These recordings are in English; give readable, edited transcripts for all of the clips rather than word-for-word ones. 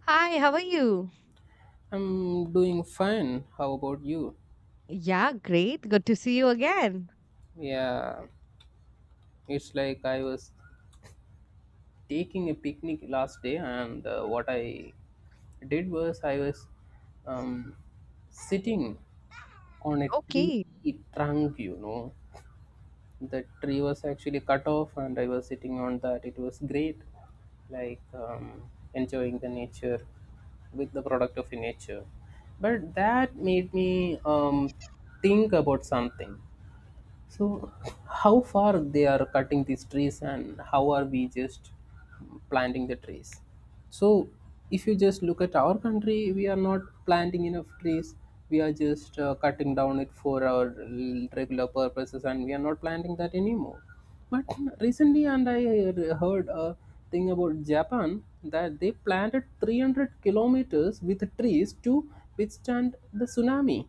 Hi, how are you? I'm doing fine. How about you? Yeah, great. Good to see you again. Yeah, it's like I was taking a picnic last day, and what I did was I was um, sitting on a tree Okay. trunk, you know. The tree was actually cut off, and I was sitting on that. It was great, like enjoying the nature with the product of nature. But that made me think about something. So, how far they are cutting these trees, and how are we just planting the trees? So, if you just look at our country, we are not planting enough trees. We are just cutting down it for our regular purposes, and we are not planting that anymore. But recently, and I heard a thing about Japan, that they planted 300 kilometers with trees to withstand the tsunami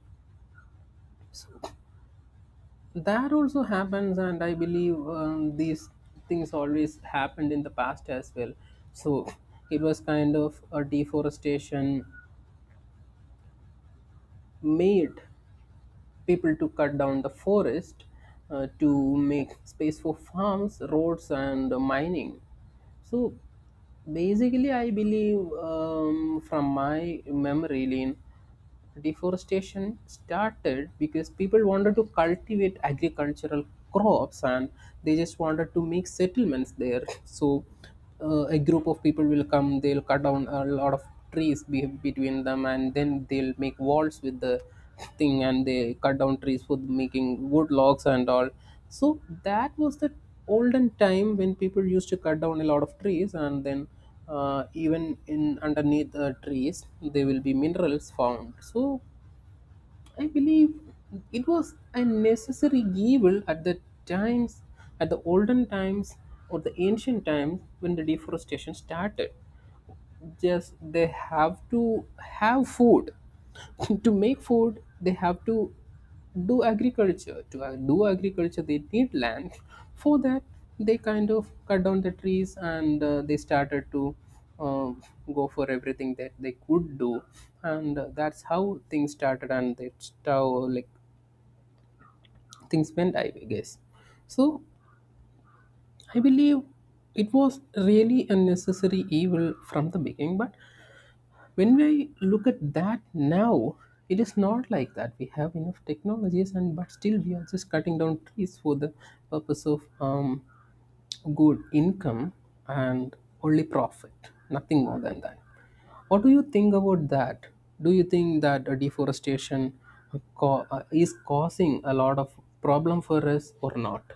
that also happens. And I believe these things always happened in the past as well. So it was kind of a deforestation, made people to cut down the forest, to make space for farms, roads and mining. So basically I believe, from my memory lane, deforestation started because people wanted to cultivate agricultural crops, and they just wanted to make settlements there. So a group of people will come, they'll cut down a lot of trees between them, and then they'll make walls with the thing, and they cut down trees for making wood logs and all. So that was the olden time when people used to cut down a lot of trees. And then even in underneath trees, there will be minerals found. So I believe it was a necessary evil at the times, at the olden times or the ancient times when the deforestation started. Just they have to have food. To make food they have to do agriculture, to do agriculture they need land for that. They kind of cut down the trees, and they started to uh, go for everything that they could do. And that's how things started, and that's how, like, things went, I guess. So I believe it was really a necessary evil from the beginning, but when we look at that now, it is not like that. We have enough technologies and, but still we are just cutting down trees for the purpose of good income, and only profit, nothing more than that. What do you think about that? Do you think that deforestation, is causing a lot of problem for us or not?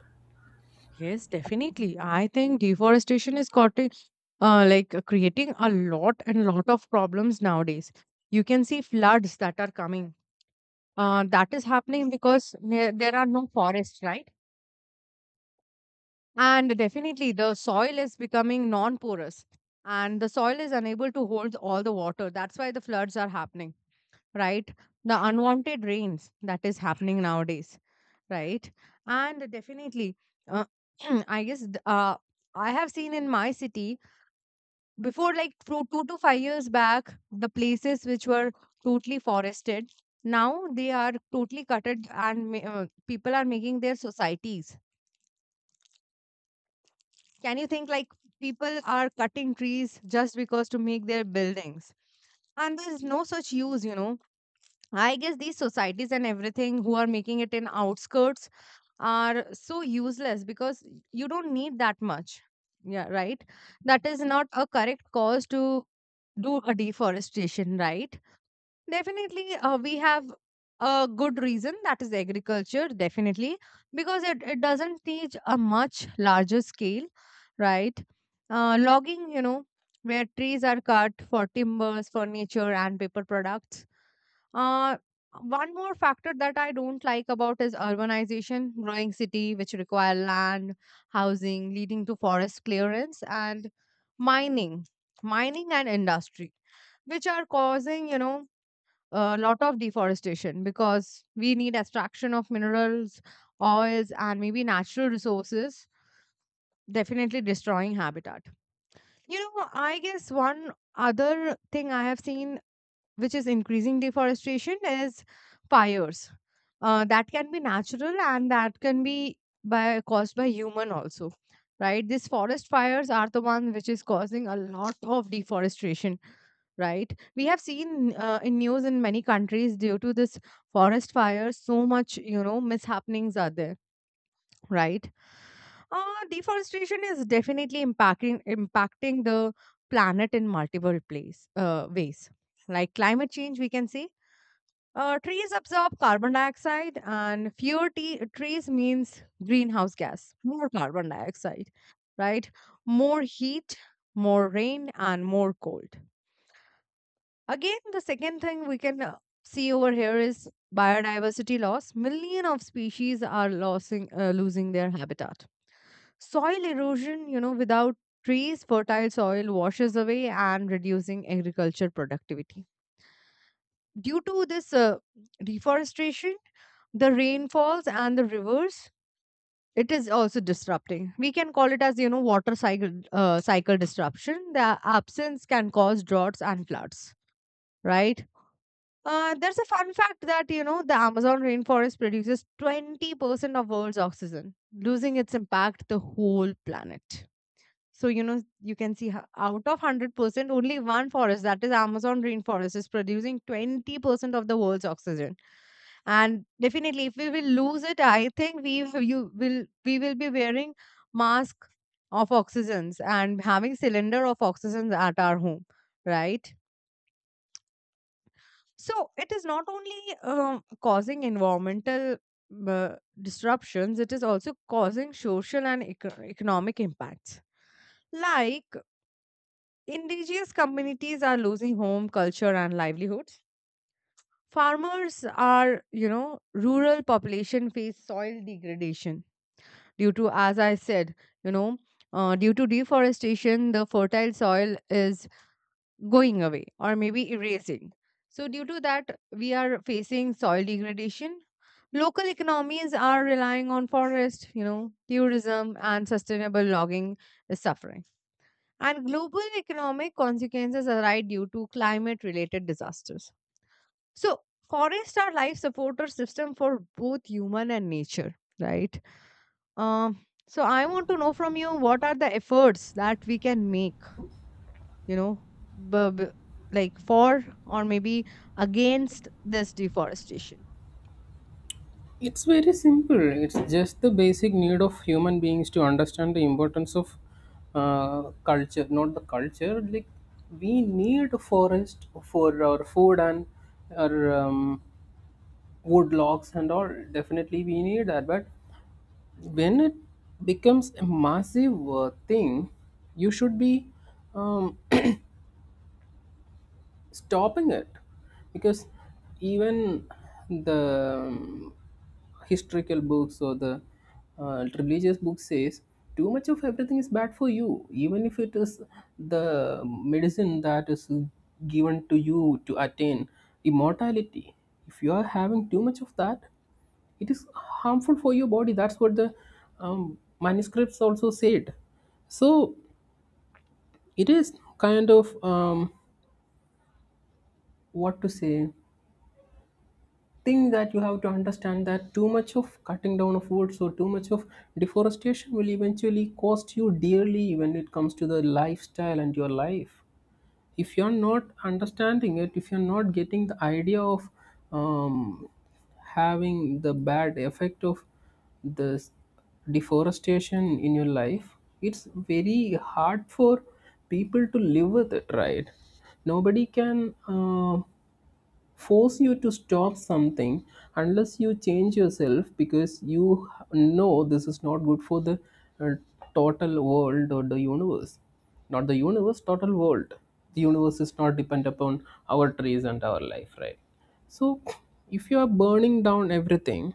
Yes, definitely. I think deforestation is cotting, like creating a lot and lot of problems nowadays. You can see floods that are coming. That is happening because there are no forests, right? And definitely the soil is becoming non-porous, and the soil is unable to hold all the water. That's why the floods are happening, right? The unwanted rains that is happening nowadays, right? And definitely, uh, I guess I have seen in my city before, like two, 2 to 5 years back, the places which were totally forested, now they are totally cutted, and people are making their societies. Can you think like people are cutting trees just because to make their buildings? And there's no such use, I guess these societies and everything who are making it in outskirts are so useless because you don't need that much. Yeah, right. That is not a correct cause to do a deforestation, right? Definitely, we have a good reason that is agriculture, definitely, because it doesn't teach a much larger scale, right? Logging, you know, where trees are cut for timbers, furniture, and paper products. uh, One more factor that I don't like about is urbanization, growing city which require land, housing, leading to forest clearance, and mining, mining and industry, which are causing, you know, a lot of deforestation because we need extraction of minerals, oils, and maybe natural resources, definitely destroying habitat. You know, I guess one other thing I have seen which is increasing deforestation is fires, that can be natural and that can be by caused by human also, right? These forest fires are the one which is causing a lot of deforestation, right? We have seen in news in many countries due to this forest fires, so much, you know, mishappenings are there, right? Deforestation is definitely impacting the planet in multiple place ways, like climate change, we can say. Trees absorb carbon dioxide, and fewer trees means greenhouse gas, more carbon dioxide, right? More heat, more rain, and more cold. Again, the second thing we can see over here is biodiversity loss. Million of species are losing, losing their habitat. Soil erosion, you know, without trees, fertile soil washes away and reducing agriculture productivity due to this deforestation. The rainfalls and the rivers, it is also disrupting. We can call it as, you know, water cycle disruption. The absence can cause droughts and floods, right? There's a fun fact that, you know, the Amazon rainforest produces 20% of world's oxygen. Losing its impact the whole planet. So, you know, you can see out of 100%, only one forest, that is Amazon rainforest, is producing 20% of the world's oxygen. And definitely, if we will lose it, I think we will be wearing mask of oxygens and having cylinder of oxygens at our home, right? So it is not only causing environmental uh, disruptions; it is also causing social and economic impacts. Like indigenous communities are losing home, culture, and livelihoods. Farmers are, you know, rural population face soil degradation due to, as I said, you know, due to deforestation the fertile soil is going away or maybe erasing. So due to that we are facing soil degradation. Local economies are relying on forest, you know, tourism and sustainable logging is suffering, and global economic consequences arise due to climate related disasters. So forests are life supporter system for both human and nature, right? Um, so I want to know from you, what are the efforts that we can make, you know, b- b- like for, or maybe against this deforestation. It's very simple. It's just the basic need of human beings to understand the importance of culture, not the culture. Like, we need forest for our food and our wood logs and all. Definitely we need that. But when it becomes a massive thing, you should be um, stopping it, because even the historical books or the religious book says too much of everything is bad for you, even if it is the medicine that is given to you to attain immortality. If you are having too much of that, it is harmful for your body. That's what the manuscripts also said. So it is kind of, what to say, think that you have to understand that too much of cutting down of woods or too much of deforestation will eventually cost you dearly when it comes to the lifestyle and your life. If you're not understanding it, if you're not getting the idea of um, having the bad effect of this deforestation in your life, it's very hard for people to live with it, right? Nobody can. Force you to stop something unless you change yourself, because you know this is not good for the uh, total world or the universe. Not the universe, total world. The universe is not depend upon our trees and our life, right? So if you are burning down everything,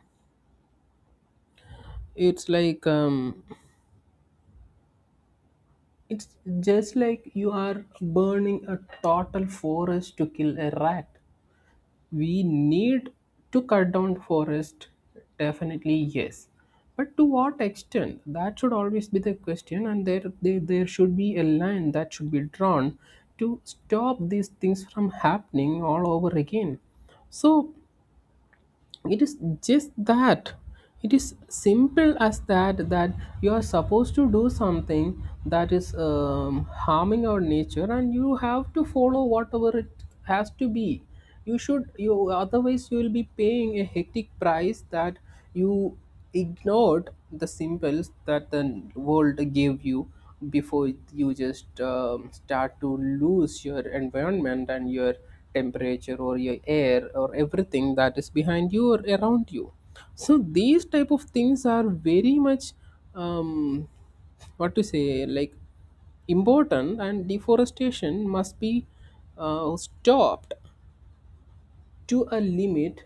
it's like, it's just like you are burning a total forest to kill a rat. We need to cut down forest, definitely yes, but to what extent? That should always be the question, and there should be a line that should be drawn to stop these things from happening all over again. So it is just that, it is simple as that, that you are supposed to do something that is harming our nature, and you have to follow whatever it has to be. You should, you, otherwise you will be paying a hectic price, that you ignored the symbols that the world gave you before you just start to lose your environment and your temperature or your air or everything that is behind you or around you. So these type of things are very much um, what to say, like, important, and deforestation must be stopped to a limit,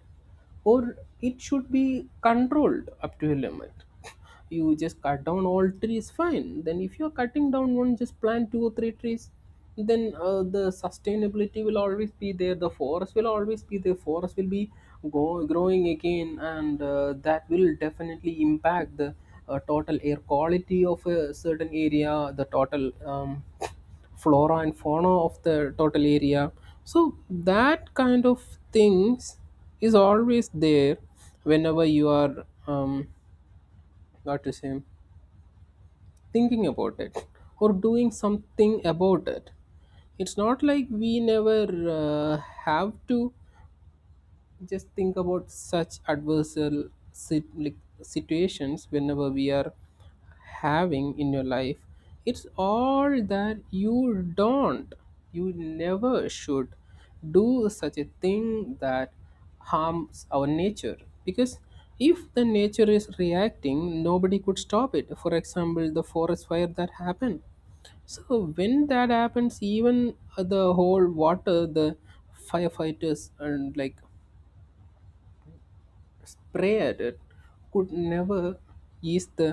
or it should be controlled up to a limit. You just cut down all trees, fine, then if you're cutting down one, just plant two or three trees. Then the sustainability will always be there, the forest will always be there, forest will be growing again, and that will definitely impact the total air quality of a certain area, the total flora and fauna of the total area. So that kind of things is always there, whenever you are what to say, thinking about it or doing something about it. It's not like we never uh, have to just think about such adversarial like situations whenever we are having in your life. It's all that you don't, you never should do such a thing that harms our nature, because if the nature is reacting, nobody could stop it. For example, the forest fire that happened. So when that happens, even the whole water, the firefighters and, like, spray at it could never ease the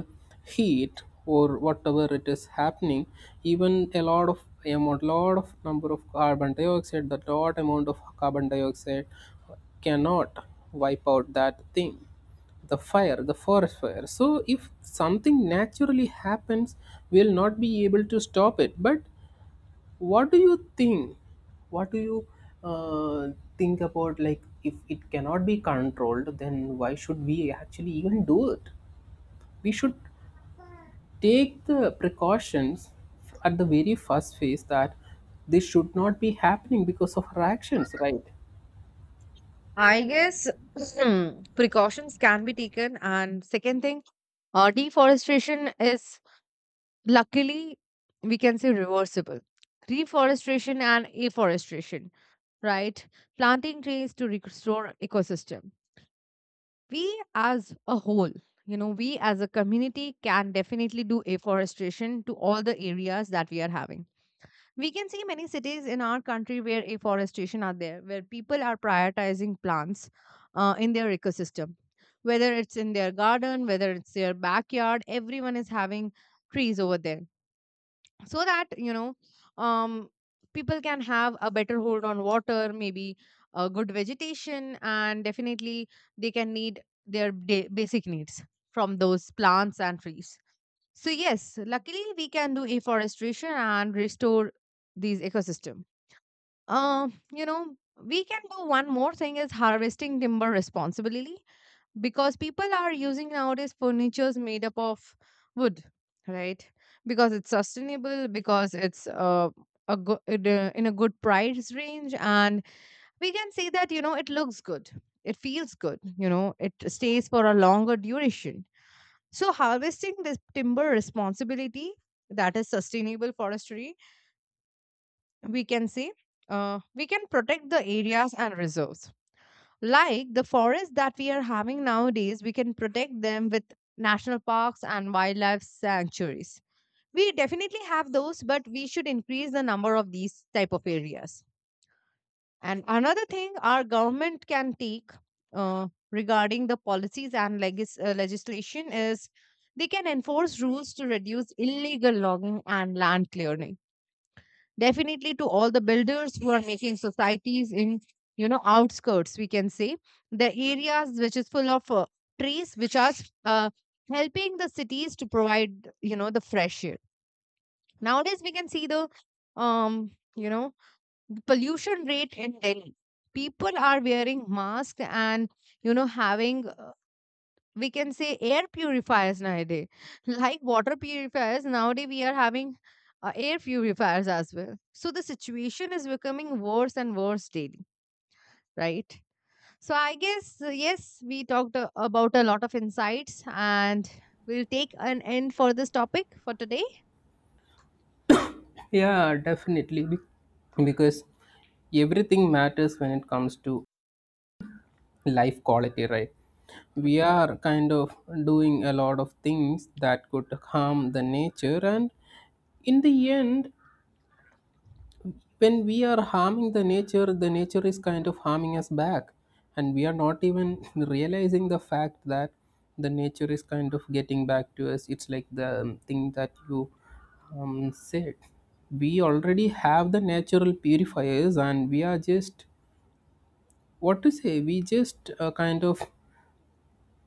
heat or whatever it is happening. Even a lot of amount, lot of number of carbon dioxide, the lot amount of carbon dioxide cannot wipe out that thing, the fire, the forest fire. So if something naturally happens, we'll not be able to stop it. But what do you think, what do you uh, think about, like, if it cannot be controlled, then why should we actually even do it? We should take the precautions at the very first phase, that this should not be happening because of our actions, right? I guess precautions can be taken. And second thing, deforestation is, luckily, we can say, reversible. Reforestation and afforestation, right? Planting trees to restore ecosystem. We as a whole, you know, we as a community can definitely do afforestation to all the areas that we are having. We can see many cities in our country where afforestation are there, where people are prioritizing plants in their ecosystem. Whether it's in their garden, whether it's their backyard, everyone is having trees over there. So that, you know, um, people can have a better hold on water, maybe a good vegetation, and definitely they can need their basic needs from those plants and trees. So yes, luckily we can do afforestation and restore these ecosystem. Um, you know, we can do one more thing is harvesting timber responsibly, because people are using nowadays furnitures made up of wood, right? Because it's sustainable, because it's a good in a good price range, and we can see that, you know, it looks good, it feels good, you know, it stays for a longer duration. So harvesting this timber responsibility, that is sustainable forestry, we can say, we can protect the areas and reserves. Like the forests that we are having nowadays, we can protect them with national parks and wildlife sanctuaries. We definitely have those, but we should increase the number of these type of areas. And another thing our government can take regarding the policies and legislation is they can enforce rules to reduce illegal logging and land clearing. Definitely to all the builders who are making societies in, you know, outskirts, we can say the areas which is full of trees, which are uh, helping the cities to provide, you know, the fresh air. Nowadays, we can see the, um, you know, the pollution rate in Delhi. People are wearing masks and, you know, having we can say air purifiers nowadays. Like water purifiers, nowadays we are having air purifiers as well. So the situation is becoming worse and worse daily, right? So I guess yes, we talked about a lot of insights, and we'll take an end for this topic for today. Yeah, definitely. Because everything matters when it comes to life quality, right? All We right. are kind of doing a lot of things that could harm the nature, and in the end, when we are harming the nature, the nature is kind of harming us back, and we are not even realizing the fact that the nature is kind of getting back to us. It's like the thing that you said, we already have the natural purifiers, and we are just, what to say, we just kind of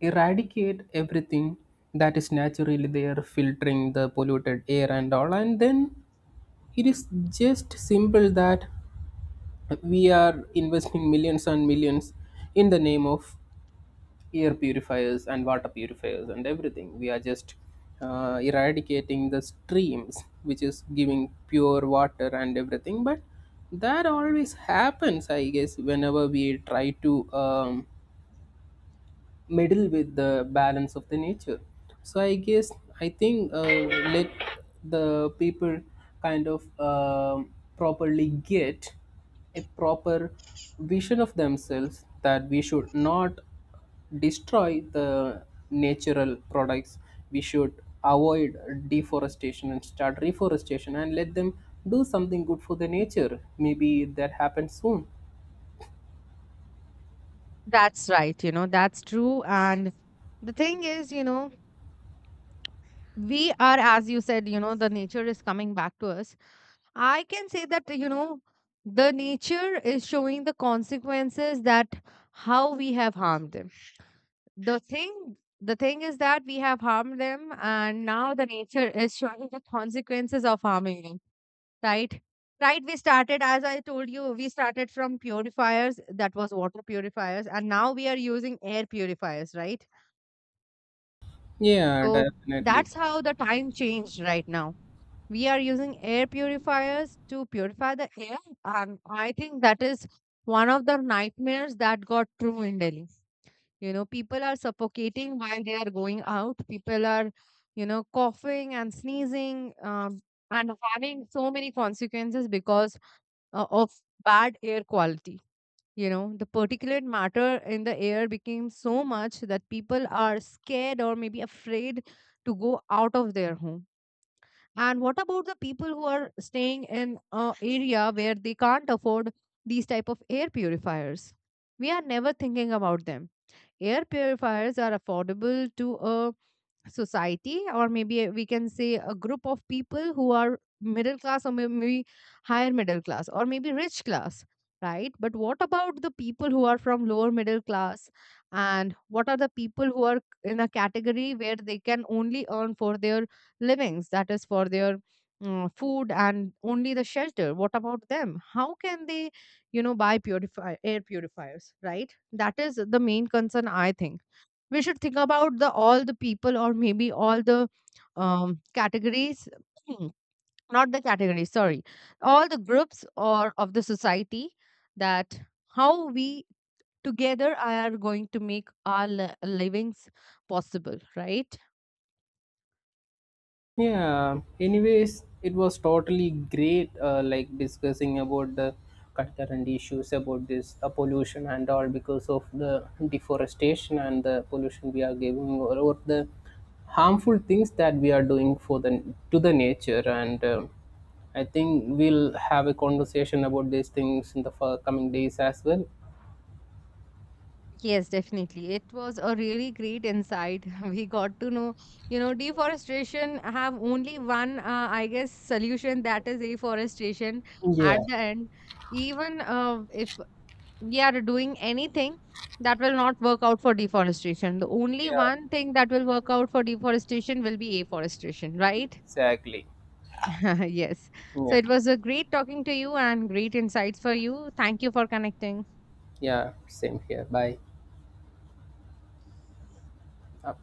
eradicate everything that is naturally there, filtering the polluted air and all. And then it is just simple that we are investing millions and millions in the name of air purifiers and water purifiers and everything. We are just eradicating the streams which is giving pure water and everything. But that always happens, I guess, whenever we try to meddle with the balance of the nature. So I guess, I think, let the people kind of, um, properly get a proper vision of themselves, that we should not destroy the natural products. We should avoid deforestation and start reforestation, and let them do something good for the nature. Maybe that happens soon. That's right. You know, that's true, and the thing is, you know, we are, as you said, you know, the nature is coming back to us. I can say that, you know, the nature is showing the consequences that how we have harmed them. The thing is that we have harmed them, and now the nature is showing the consequences of harming them, right? Right, we started, as I told you, we started from purifiers, that was water purifiers, and now we are using air purifiers, right? Yeah, So definitely. that's how the time changed. Right now, we are using air purifiers to purify the air, and I think that is one of the nightmares that got true in Delhi. You know, people are suffocating while they are going out. People are, you know, coughing and sneezing, and having so many consequences because of bad air quality. You know, the particulate matter in the air became so much that people are scared, or maybe afraid to go out of their home. And what about the people who are staying in an area where they can't afford these type of air purifiers? We are never thinking about them. Air purifiers are affordable to a society, or maybe we can say a group of people who are middle class, or maybe higher middle class, or maybe rich class, right? But what about the people who are from lower middle class, and what are the people who are in a category where they can only earn for their livings, that is for their food and only the shelter? What about them? How can they, you know, buy purify air purifiers, right? That is the main concern. I think we should think about the all the people, or maybe all the categories, not the categories, sorry, all the groups or of the society, that how we together are going to make our livings possible, right? Yeah, anyways, it was totally great, like discussing about the current issues about this pollution and all because of the deforestation and the pollution we are giving, or the harmful things that we are doing for the, to the nature, and I think we'll have a conversation about these things in the coming days as well. Yes, definitely, it was a really great insight. We got to know, you know, deforestation have only one I guess solution, that is afforestation. Yeah. At the end, even if we are doing anything, that will not work out for deforestation. The only Yeah, one thing that will work out for deforestation will be afforestation, right? exactly. Yes. So Yeah, it was a great talking to you and great insights for you. Thank you for connecting. yeah, same here. Bye. Uh,